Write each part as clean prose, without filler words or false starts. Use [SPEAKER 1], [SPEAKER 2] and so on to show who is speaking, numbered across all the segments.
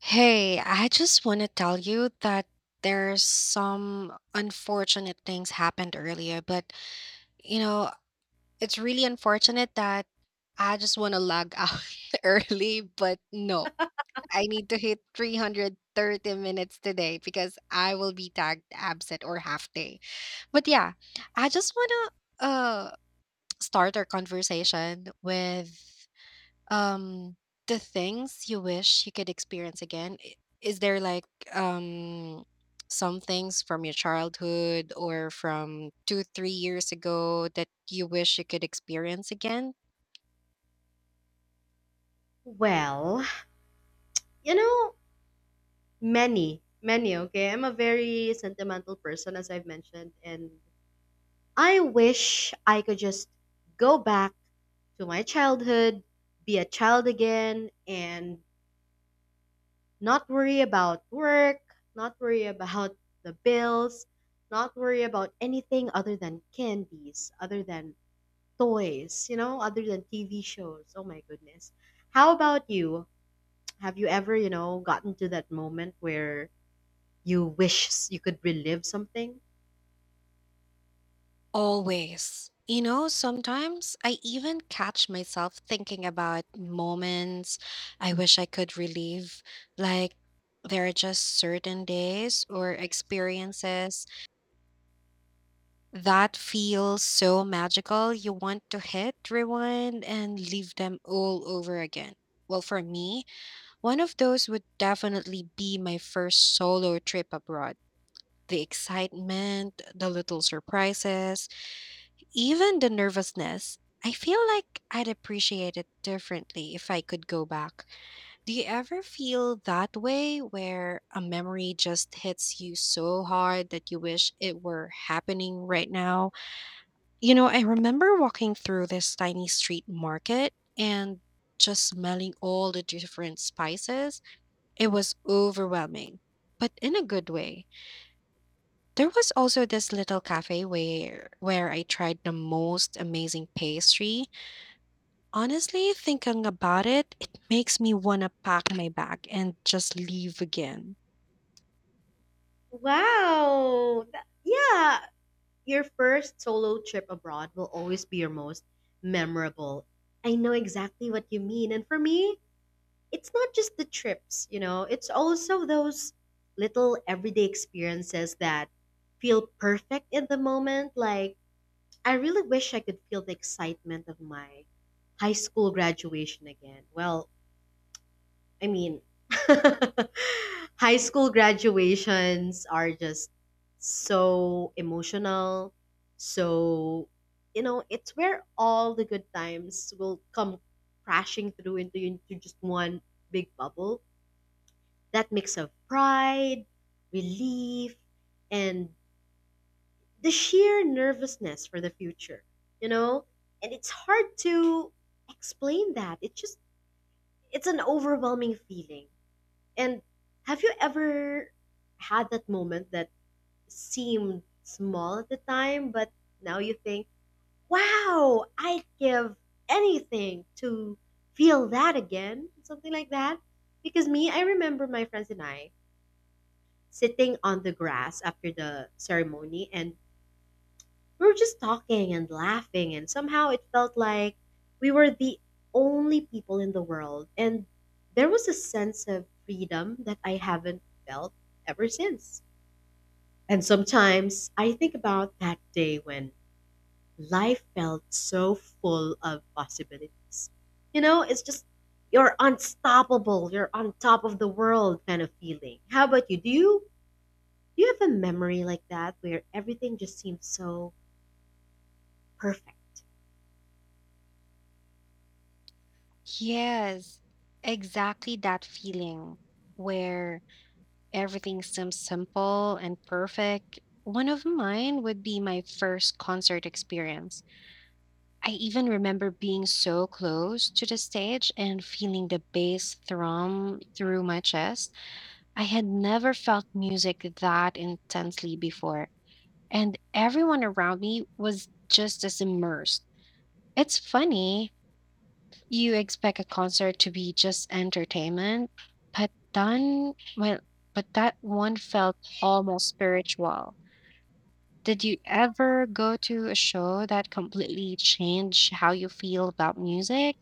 [SPEAKER 1] Hey, I just want to tell you that there's some unfortunate things happened earlier, but you know, it's really unfortunate that I just want to log out early, but no, I need to hit 330 minutes today because I will be tagged absent or half day. But yeah, I just want to start our conversation with um, the things you wish you could experience again, is there like um some things from your childhood or from 2, 3 years ago that you wish you could experience again?
[SPEAKER 2] Well, you know, many, many, okay? I'm a very sentimental person, as I've mentioned, and I wish I could just go back to my childhood, be a child again, and not worry about work, not worry about the bills, not worry about anything other than candies, other than toys, other than TV shows. Oh my goodness. How about you? Have you ever, gotten to that moment where you wish you could relive something?
[SPEAKER 1] Always. You know, sometimes I even catch myself thinking about moments I wish I could relive. Like, there are just certain days or experiences that feels so magical. You want to hit rewind and leave them all over again. Well, for me, one of those would definitely be my first solo trip abroad. The excitement, the little surprises, even the nervousness. I feel like I'd appreciate it differently if I could go back. Do you ever feel that way where a memory just hits you so hard that you wish it were happening right now? You know, I remember walking through this tiny street market and just smelling all the different spices. It was overwhelming, but in a good way. There was also this little cafe where I tried the most amazing pastry. Honestly, thinking about it, it makes me want to pack my bag and just leave again.
[SPEAKER 2] Wow. Yeah. Your first solo trip abroad will always be your most memorable. I know exactly what you mean. And for me, it's not just the trips, you know, it's also those little everyday experiences that feel perfect in the moment. Like, I really wish I could feel the excitement of my high school graduation again. Well, I mean, high school graduations are just so emotional. So, you know, it's where all the good times will come crashing through into just one big bubble. That mix of pride, relief, and the sheer nervousness for the future, you know? And it's hard to explain that. It's just, it's an overwhelming feeling, and have you ever had that moment that seemed small at the time, but now you think, wow, I'd give anything to feel that again? Something like that. Because me, I remember my friends and I sitting on the grass after the ceremony, and we were just talking and laughing, and somehow it felt like we were the only people in the world. And there was a sense of freedom that I haven't felt ever since. And sometimes I think about that day when life felt so full of possibilities. You know, it's just you're unstoppable, you're on top of the world kind of feeling. How about you? Do you have a memory like that where everything just seems so perfect?
[SPEAKER 1] Yes, exactly that feeling where everything seems simple and perfect. One of mine would be my first concert experience. I even remember being so close to the stage and feeling the bass thrum through my chest. I had never felt music that intensely before, and everyone around me was just as immersed. It's funny, you expect a concert to be just entertainment, but then, well, but that one felt almost spiritual. Did you ever go to a show that completely changed how you feel about music?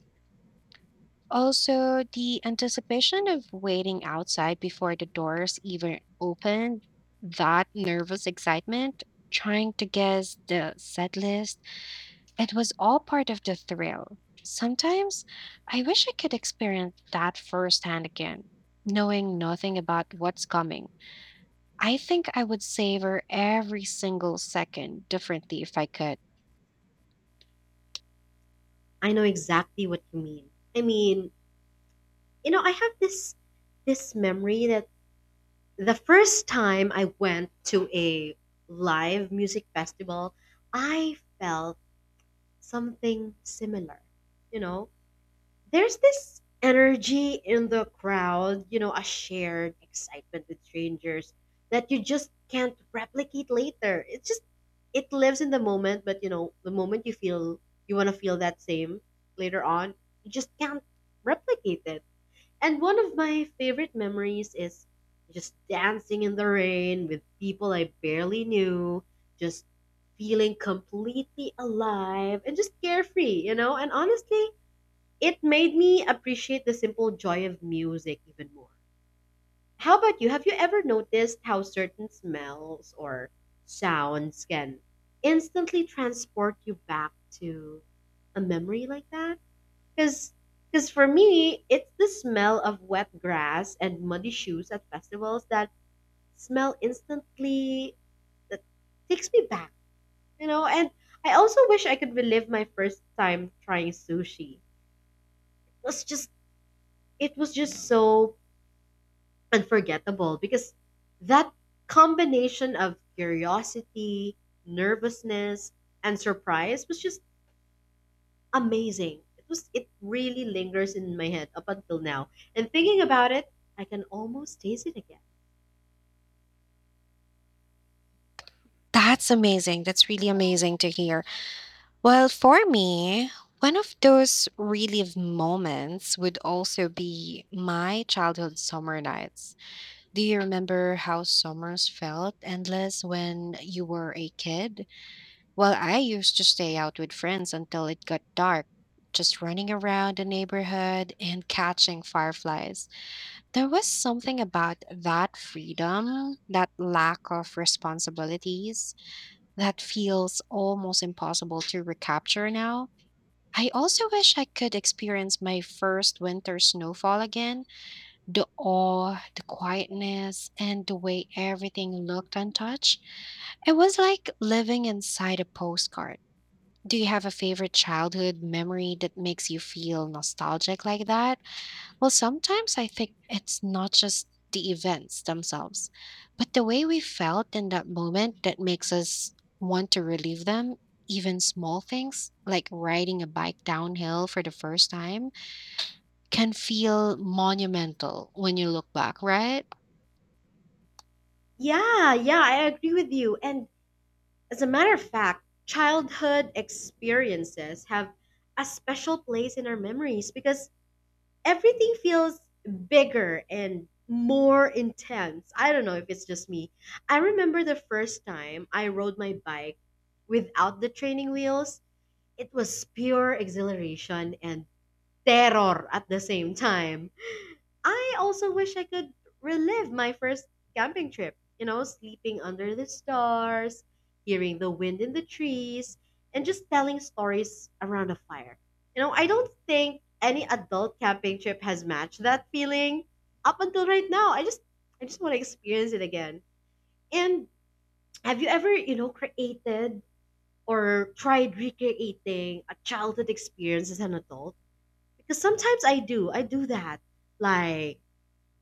[SPEAKER 1] Also, the anticipation of waiting outside before the doors even opened, that nervous excitement, trying to guess the set list, it was all part of the thrill. Sometimes I wish I could experience that firsthand again, knowing nothing about what's coming. I think I would savor every single second differently if I could.
[SPEAKER 2] I know exactly what you mean. I mean, you know, I have this memory that the first time I went to a live music festival, I felt something similar. You know, there's this energy in the crowd, you know, a shared excitement with strangers that you just can't replicate later. It's just it lives in the moment, but you know, the moment you feel you want to feel that same later on, you just can't replicate it. And one of my favorite memories is just dancing in the rain with people I barely knew, just feeling completely alive and just carefree, you know? And honestly, it made me appreciate the simple joy of music even more. How about you? Have you ever noticed how certain smells or sounds can instantly transport you back to a memory like that? Because because for me, it's the smell of wet grass and muddy shoes at festivals, that smell instantly that takes me back, you know? And I also wish I could relive my first time trying sushi. Was just it was just so unforgettable because that combination of curiosity, nervousness, and surprise was just amazing. It really lingers in my head up until now. And thinking about it, I can almost taste it again.
[SPEAKER 1] That's amazing. That's really amazing to hear. Well, for me, one of those relive moments would also be my childhood summer nights. Do you remember how summers felt endless when you were a kid? Well, I used to stay out with friends until it got dark, just running around the neighborhood and catching fireflies. There was something about that freedom, that lack of responsibilities, that feels almost impossible to recapture now. I also wish I could experience my first winter snowfall again. The awe, the quietness, and the way everything looked untouched. It was like living inside a postcard. Do you have a favorite childhood memory that makes you feel nostalgic like that? Well, sometimes I think it's not just the events themselves, but the way we felt in that moment that makes us want to relive them. Even small things like riding a bike downhill for the first time can feel monumental when you look back, right?
[SPEAKER 2] Yeah, yeah, I agree with you. And as a matter of fact, childhood experiences have a special place in our memories because everything feels bigger and more intense. I don't know if it's just me. I remember the first time I rode my bike without the training wheels, it was pure exhilaration and terror at the same time. I also wish I could relive my first camping trip, you know, sleeping under the stars, hearing the wind in the trees, and just telling stories around a fire. You know, I don't think any adult camping trip has matched that feeling up until right now. I just want to experience it again. And have you ever, you know, created or tried recreating a childhood experience as an adult? Because sometimes I do. I do that. Like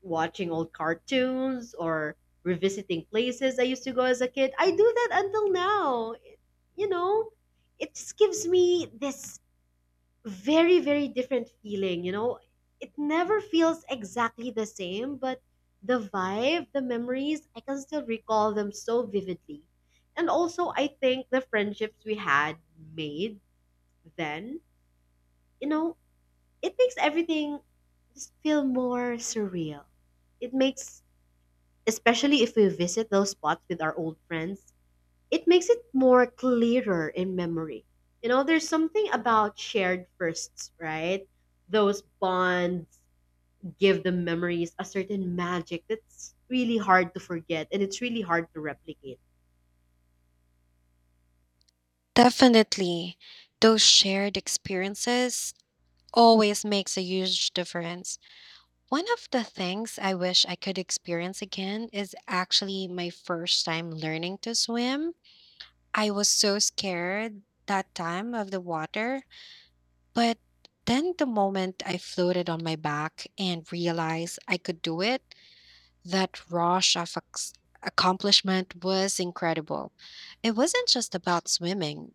[SPEAKER 2] watching old cartoons or revisiting places I used to go as a kid. I do that until now. You know, it just gives me this very, very different feeling. You know, it never feels exactly the same, but the vibe, the memories, I can still recall them so vividly. And also, I think the friendships we had made then, you know, it makes everything just feel more surreal. It makes Especially if we visit those spots with our old friends, it makes it more clearer in memory. You know, there's something about shared firsts, right? Those bonds give the memories a certain magic that's really hard to forget and it's really hard to replicate.
[SPEAKER 1] Definitely. Those shared experiences always makes a huge difference. One of the things I wish I could experience again is actually my first time learning to swim. I was so scared that time of the water. But then the moment I floated on my back and realized I could do it, that rush of accomplishment was incredible. It wasn't just about swimming,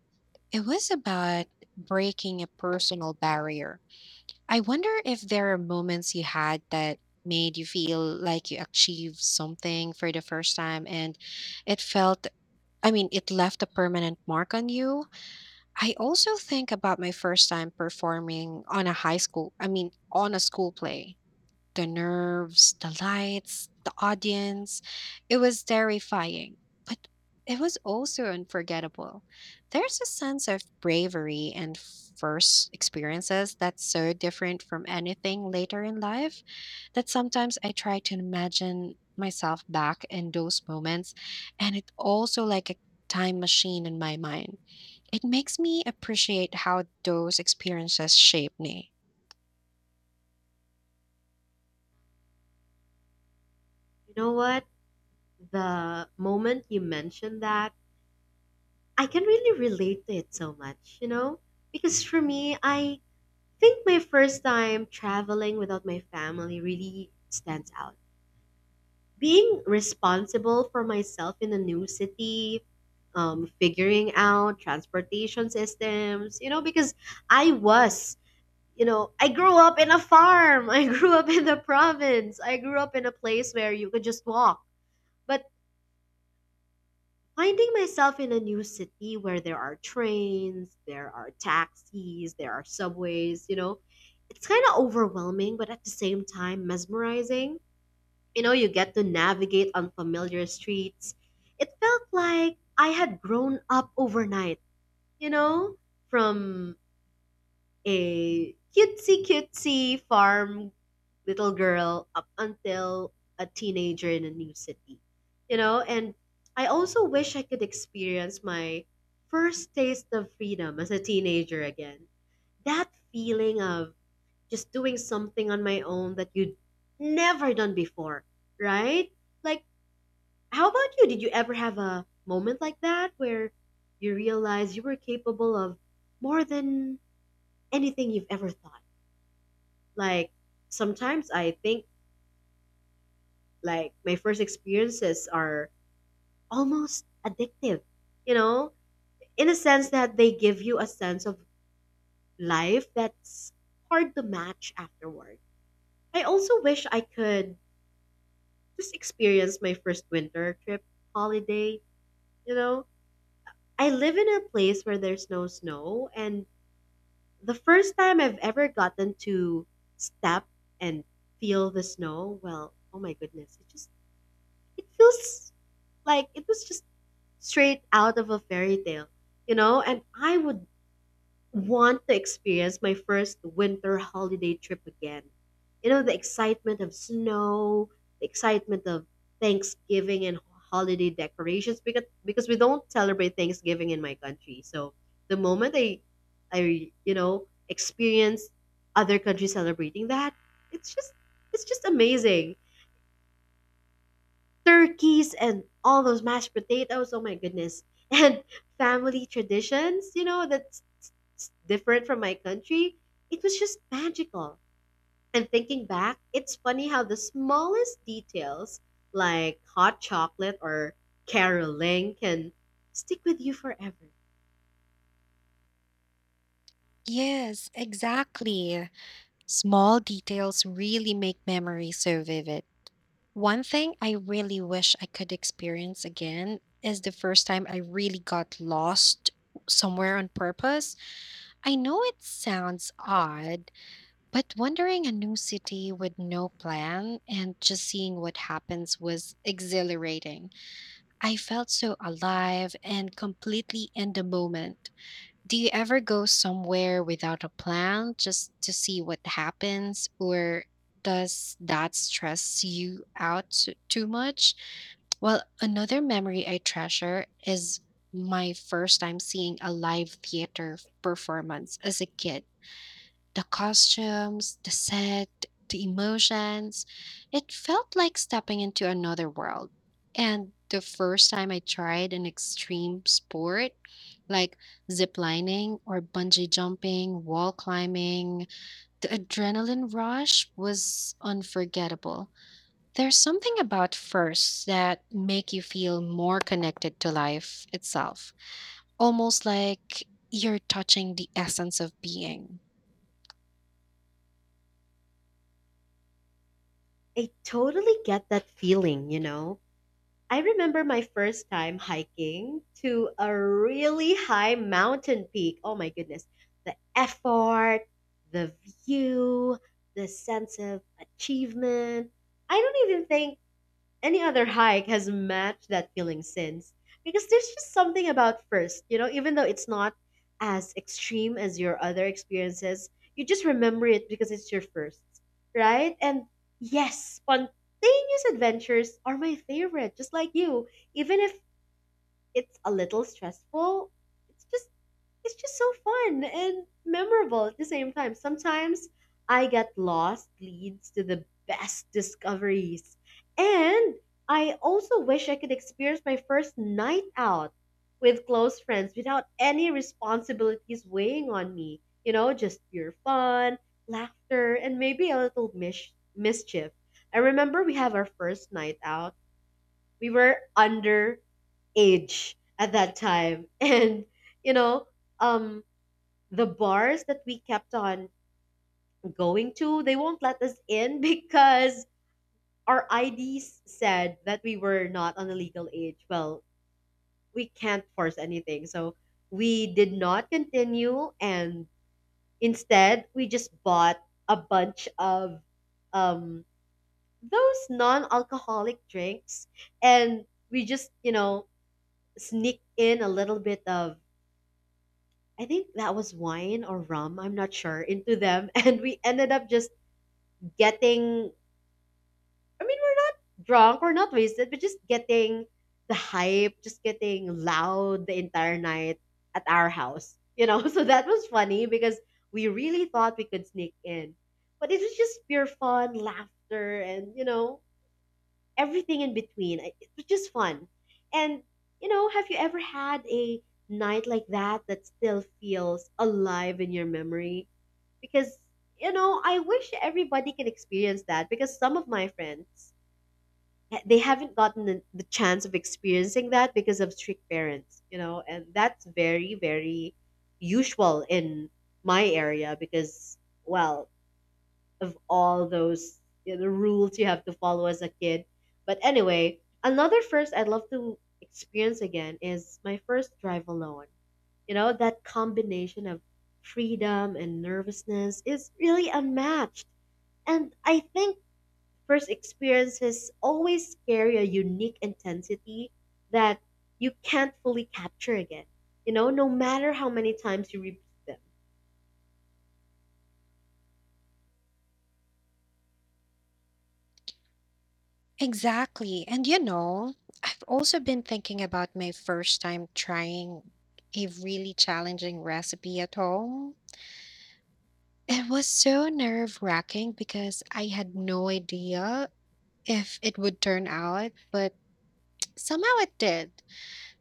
[SPEAKER 1] it was about breaking a personal barrier. I wonder if there are moments you had that made you feel like you achieved something for the first time and it felt, I mean, it left a permanent mark on you. I also think about my first time performing on a high school, I mean, on a school play. The nerves, the lights, the audience. It was terrifying, but it was also unforgettable. There's a sense of bravery and first experiences that's so different from anything later in life that sometimes I try to imagine myself back in those moments. And it also like a time machine in my mind. It makes me appreciate how those experiences shape me.
[SPEAKER 2] You know what? The moment you mentioned that, I can really relate to it so much, you know? Because for me, I think my first time traveling without my family really stands out, being responsible for myself in a new city, figuring out transportation systems, you know, because I was you know, I grew up in a farm. I grew up in the province, I grew up in a place where you could just walk, but finding myself in a new city where there are trains, there are taxis, there are subways, you know, it's kind of overwhelming but at the same time mesmerizing. You know, you get to navigate unfamiliar streets. It felt like I had grown up overnight, you know, from a cutesy farm little girl up until a teenager in a new city, you know, and I also wish I could experience my first taste of freedom as a teenager again. That feeling of just doing something on my own that you'd never done before, right? Like how about you? Did you ever have a moment like that where you realized you were capable of more than anything you've ever thought? Like, sometimes I think like my first experiences are almost addictive, you know, in a sense that they give you a sense of life that's hard to match afterward. I also wish I could just experience my first winter trip holiday, you know. I live in a place where there's no snow and the first time I've ever gotten to step and feel the snow, well, oh my goodness, it feels like it was just straight out of a fairy tale, you know? And I would want to experience my first winter holiday trip again. You know, the excitement of snow, the excitement of Thanksgiving and holiday decorations, because we don't celebrate Thanksgiving in my country. So the moment I you know experience other countries celebrating that, it's just it's just amazing. Turkeys and all those mashed potatoes, oh my goodness. And family traditions, you know, that it's different from my country, it was just magical. And thinking back, it's funny how the smallest details, like hot chocolate or caroling, can stick with you forever.
[SPEAKER 1] Yes, exactly. Small details really make memories so vivid. One thing I really wish I could experience again is the first time I really got lost somewhere on purpose. I know it sounds odd, but wandering a new city with no plan and just seeing what happens was exhilarating. I felt so alive and completely in the moment. Do you ever go somewhere without a plan just to see what happens, or does that stress you out too much? Well, another memory I treasure is my first time seeing a live theater performance as a kid. The costumes, the set, the emotions. It felt like stepping into another world. And the first time I tried an extreme sport, like zip lining or bungee jumping, wall climbing, the adrenaline rush was unforgettable. There's something about firsts that make you feel more connected to life itself, almost like you're touching the essence of being.
[SPEAKER 2] I totally get that feeling, you know? I remember my first time hiking to a really high mountain peak. Oh my goodness. The effort, the view, the sense of achievement. I don't even think any other hike has matched that feeling since, because there's just something about first, you know, even though it's not as extreme as your other experiences, you just remember it because it's your first, right? And yes, spontaneous adventures are my favorite, just like you. Even if it's a little stressful, it's just it's just so fun and memorable at the same time. Sometimes I get lost leads to the best discoveries. And I also wish I could experience my first night out with close friends without any responsibilities weighing on me. You know, just pure fun, laughter, and maybe a little mischief. I remember we have our first night out. We were under age at that time. And, you know, um, the bars that we kept on going to, they won't let us in because our IDs said that we were not on a legal age. Well, we can't force anything. So we did not continue and instead we just bought a bunch of um those non-alcoholic drinks and we just, you know, sneak in a little bit of I think that was wine or rum, I'm not sure, into them and we ended up just getting we're not drunk, we're not wasted, but just getting the hype, just getting loud the entire night at our house. You know, so that was funny because we really thought we could sneak in. But it was just pure fun, laughter, and you know, everything in between. It was just fun. And you know, have you ever had a night like that that still feels alive in your memory? Because you know, I wish everybody can experience that because some of my friends they haven't gotten the chance of experiencing that because of strict parents, you know, and that's very usual in my area because, well, of all those, you know, the rules you have to follow as a kid. But anyway, another first I'd love to experience again is my first drive alone. You know, that combination of freedom and nervousness is really unmatched. And I think first experiences always carry a unique intensity that you can't fully capture again, you know, no matter how many times you repeat them.
[SPEAKER 1] Exactly. And you know, I've also been thinking about my first time trying a really challenging recipe at home. It was so nerve wracking because I had no idea if it would turn out, but somehow it did.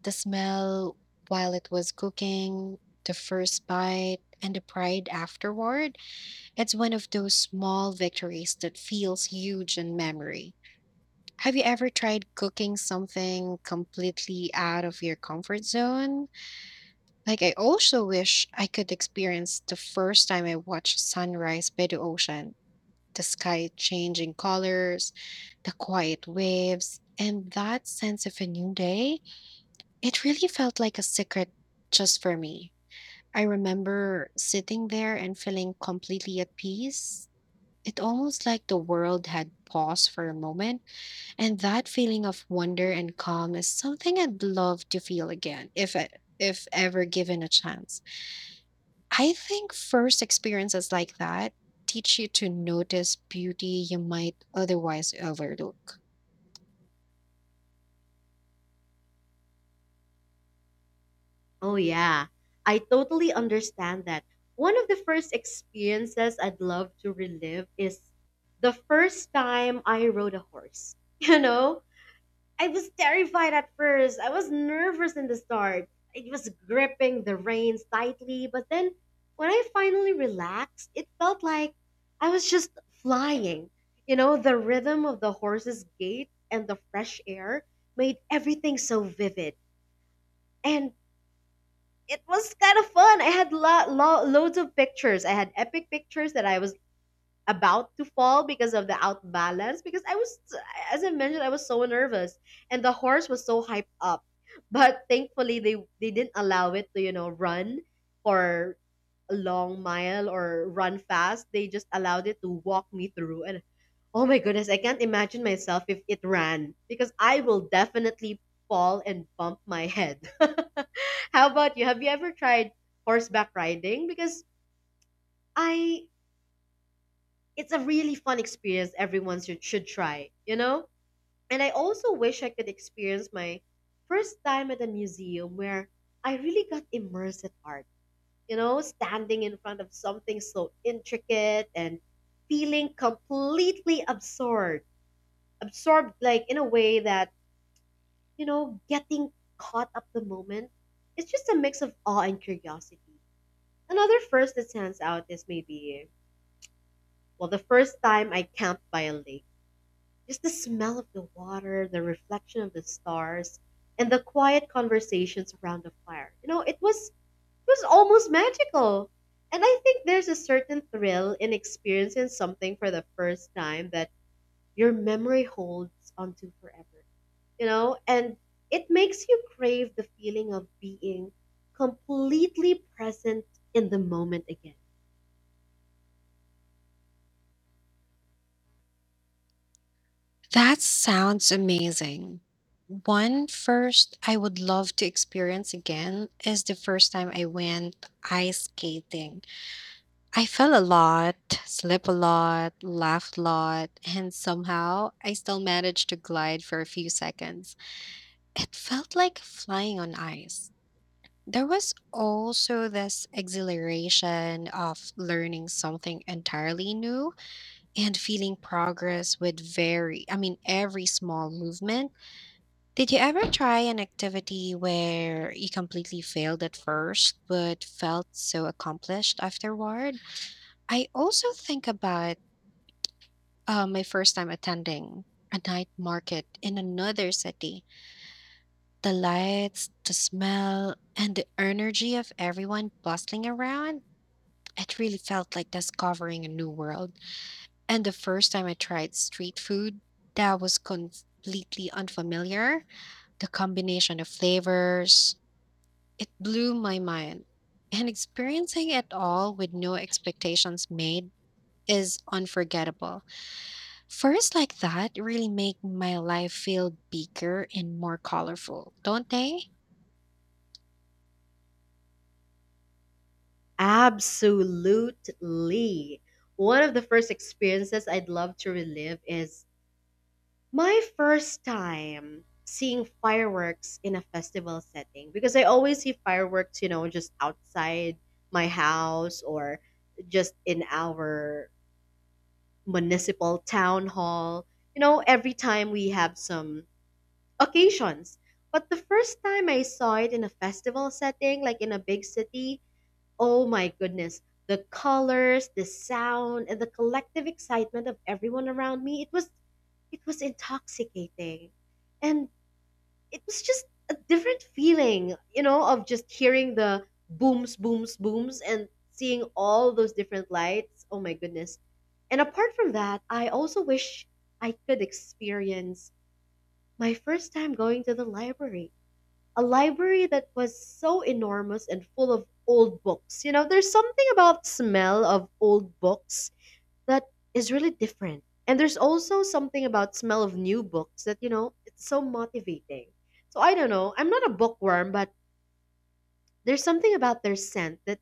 [SPEAKER 1] The smell while it was cooking, the first bite, and the pride afterward. It's one of those small victories that feels huge in memory. Have you ever tried cooking something completely out of your comfort zone? Like, I also wish I could experience the first time I watched sunrise by the ocean, the sky changing colors, the quiet waves, and that sense of a new day. It really felt like a secret just for me. I remember sitting there and feeling completely at peace. It almost like the world had paused for a moment and that feeling of wonder and calm is something I'd love to feel again if I, if ever given a chance. I think first experiences like that teach you to notice beauty you might otherwise overlook.
[SPEAKER 2] Oh, yeah. I totally understand that. One of the first experiences I'd love to relive is the first time I rode a horse. You know, I was terrified at first. I was nervous in the start. It was gripping the reins tightly, but then when I finally relaxed, it felt like I was just flying. You know, the rhythm of the horse's gait and the fresh air made everything so vivid. And it was kind of fun. I had loads of pictures. I had epic pictures that I was about to fall because of the outbalance because I was, as I mentioned, I was so nervous and the horse was so hyped up, but thankfully they didn't allow it to, you know, run for a long mile or run fast. They just allowed it to walk me through. And oh my goodness, I can't imagine myself if it ran, because I will definitely fall and bump my head. How about you? Have you ever tried horseback riding? Because I, it's a really fun experience. Everyone should try, you know? And I also wish I could experience my first time at a museum where I really got immersed in art, you know, standing in front of something so intricate and feeling completely absorbed, absorbed, like in a way that, you know, getting caught up the moment. It's just a mix of awe and curiosity. Another first that stands out is, maybe, well, the first time I camped by a lake. Just the smell of the water, the reflection of the stars, and the quiet conversations around the fire. You know, it was almost magical. And I think there's a certain thrill in experiencing something for the first time that your memory holds onto forever. You know, and it makes you crave the feeling of being completely present in the moment again.
[SPEAKER 1] That sounds amazing. One first I would love to experience again is the first time I went ice skating. I fell a lot, slipped a lot, laughed a lot, and somehow I still managed to glide for a few seconds. It felt like flying on ice. There was also this exhilaration of learning something entirely new and feeling progress with I mean, every small movement. Did you ever try an activity where you completely failed at first but felt so accomplished afterward? I also think about my first time attending a night market in another city. The lights, the smell, and the energy of everyone bustling around, it really felt like discovering a new world. And the first time I tried street food, that was completely unfamiliar. The combination of flavors, it blew my mind. And experiencing it all with no expectations made is unforgettable. First, like that really make my life feel bigger and more colorful, don't they?
[SPEAKER 2] Absolutely. One of the first experiences I'd love to relive is my first time seeing fireworks in a festival setting, because I always see fireworks, you know, just outside my house or just in our municipal town hall, you know, every time we have some occasions. But the first time I saw it in a festival setting, like in a big city, oh my goodness. The colors, the sound, and the collective excitement of everyone around me, it was intoxicating. And it was just a different feeling, you know, of just hearing the booms, booms, booms and seeing all those different lights. Oh my goodness. And apart from that, I also wish I could experience my first time going to the library, a library that was so enormous and full of old books. You know, there's something about smell of old books that is really different. And there's also something about smell of new books that, you know, it's so motivating. So I don't know. I'm not a bookworm, but there's something about their scent that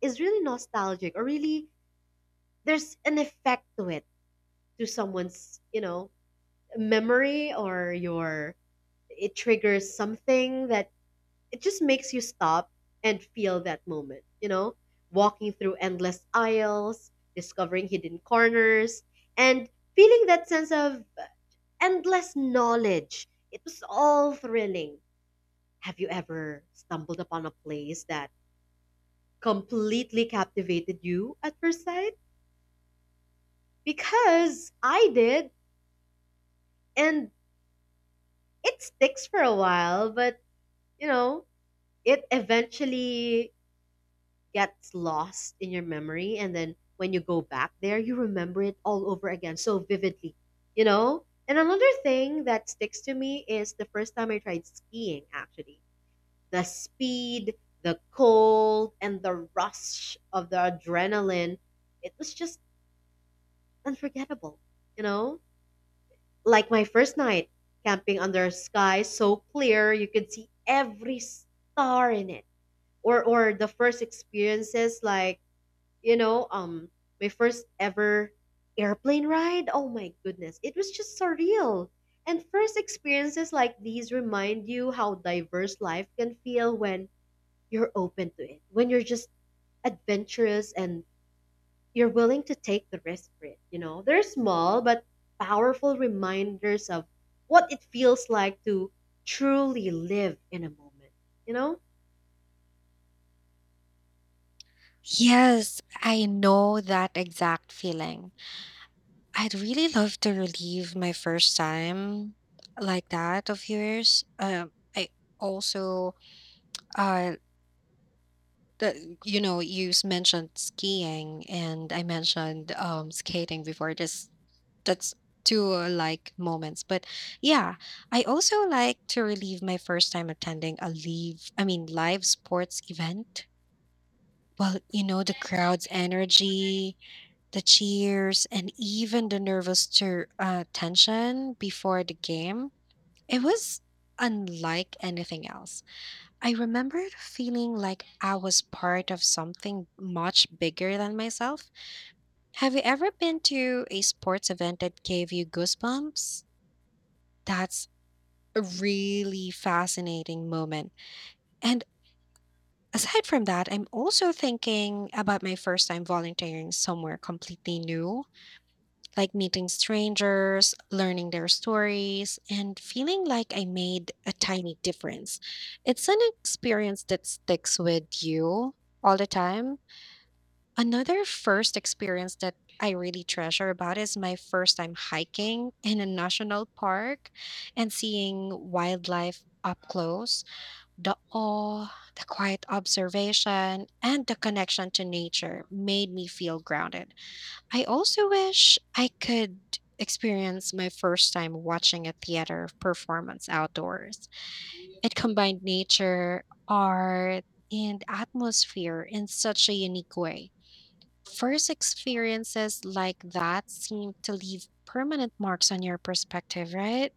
[SPEAKER 2] is really nostalgic, or really there's an effect to it, to someone's, you know, memory or your, it triggers something that, it just makes you stop and feel that moment, you know? Walking through endless aisles, discovering hidden corners, and feeling that sense of endless knowledge. It was all thrilling. Have you ever stumbled upon a place that completely captivated you at first sight? Because I did, and it sticks for a while, but, you know, it eventually gets lost in your memory, and then when you go back there you remember it all over again so vividly. You know, and another thing that sticks to me is the first time I tried skiing. Actually, the speed, the cold, and the rush of the adrenaline, it was just unforgettable. You know, like my first night camping under sky so clear you could see every star in it, or the first experiences like, you know, my first ever airplane ride. Oh my goodness, it was just surreal. And first experiences like these remind you how diverse life can feel when you're open to it, when you're just adventurous and you're willing to take the risk for it. You know, they're small but powerful reminders of what it feels like to truly live in a moment. You know,
[SPEAKER 1] Yes, I know that exact feeling. I'd really love to relive my first time like that of yours. I also, uh, the, you know, you s- mentioned skiing, and I mentioned skating before. This that's two, like, moments, but yeah, I also like to relieve my first time attending a live, I mean, live sports event. Well, you know, the crowd's energy, the cheers, and even the nervous tension before the game, it was unlike anything else. I remember feeling like I was part of something much bigger than myself. Have you ever been to a sports event that gave you goosebumps? That's a really fascinating moment. And aside from that, I'm also thinking about my first time volunteering somewhere completely new, like meeting strangers, learning their stories, and feeling like I made a tiny difference. It's an experience that sticks with you all the time. Another first experience that I really treasure about is my first time hiking in a national park and seeing wildlife up close. The awe, the quiet observation, and the connection to nature made me feel grounded. I also wish I could experience my first time watching a theater performance outdoors. It combined nature, art, and atmosphere in such a unique way. First experiences like that seem to leave permanent marks on your perspective, right?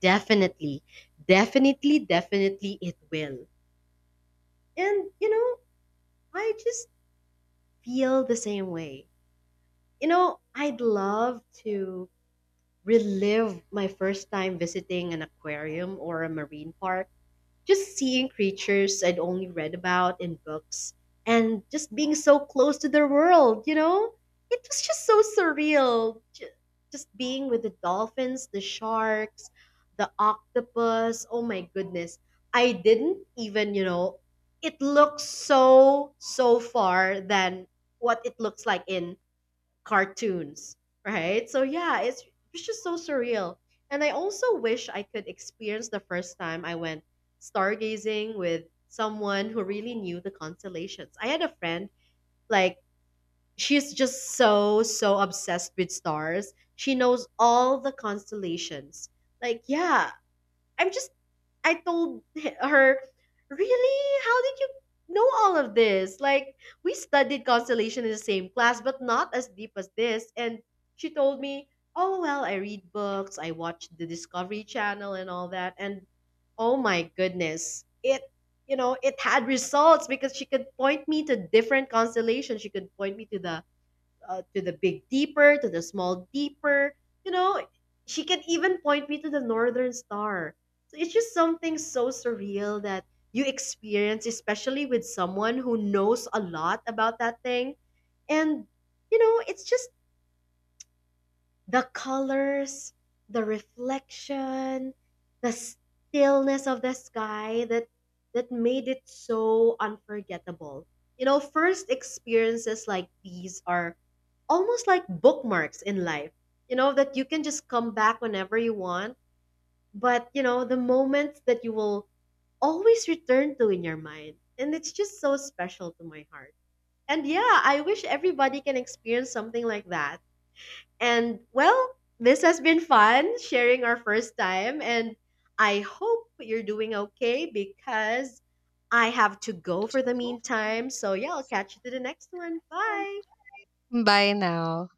[SPEAKER 2] definitely, definitely, definitely, it will. And you know, I just feel the same way. You know, I'd love to relive my first time visiting an aquarium or a marine park. Just seeing creatures I'd only read about in books and just being so close to their world, you know? It was just so surreal. Just being with the dolphins, the sharks, the octopus. Oh my goodness. I didn't even, you know, it looks so, so far than what it looks like in cartoons, right? So yeah, it's just so surreal. And I also wish I could experience the first time I went stargazing with someone who really knew the constellations. I had a friend, like, she's just so obsessed with stars. She knows all the constellations. Like, yeah, I'm just, I told her, really? How did you know all of this? Like, we studied constellation in the same class, but not as deep as this. And she told me, oh, well, I read books, I watch the Discovery Channel and all that. And oh my goodness, it, you know, it had results because she could point me to different constellations. She could point me to the big deeper, to the small deeper. You know, she can even point me to the northern star. So it's just something so surreal that you experience, especially with someone who knows a lot about that thing. And, you know, it's just the colors, the reflection, the stillness of the sky that made it so unforgettable. You know, first experiences like these are almost like bookmarks in life. You know, that you can just come back whenever you want, but you know, the moments that you will always return to in your mind. And it's just so special to my heart. And yeah, I wish everybody can experience something like that. And well, this has been fun sharing our first time. And I hope you're doing okay, because I have to go for the meantime. So, yeah, I'll catch you to the next one. Bye.
[SPEAKER 1] Bye now.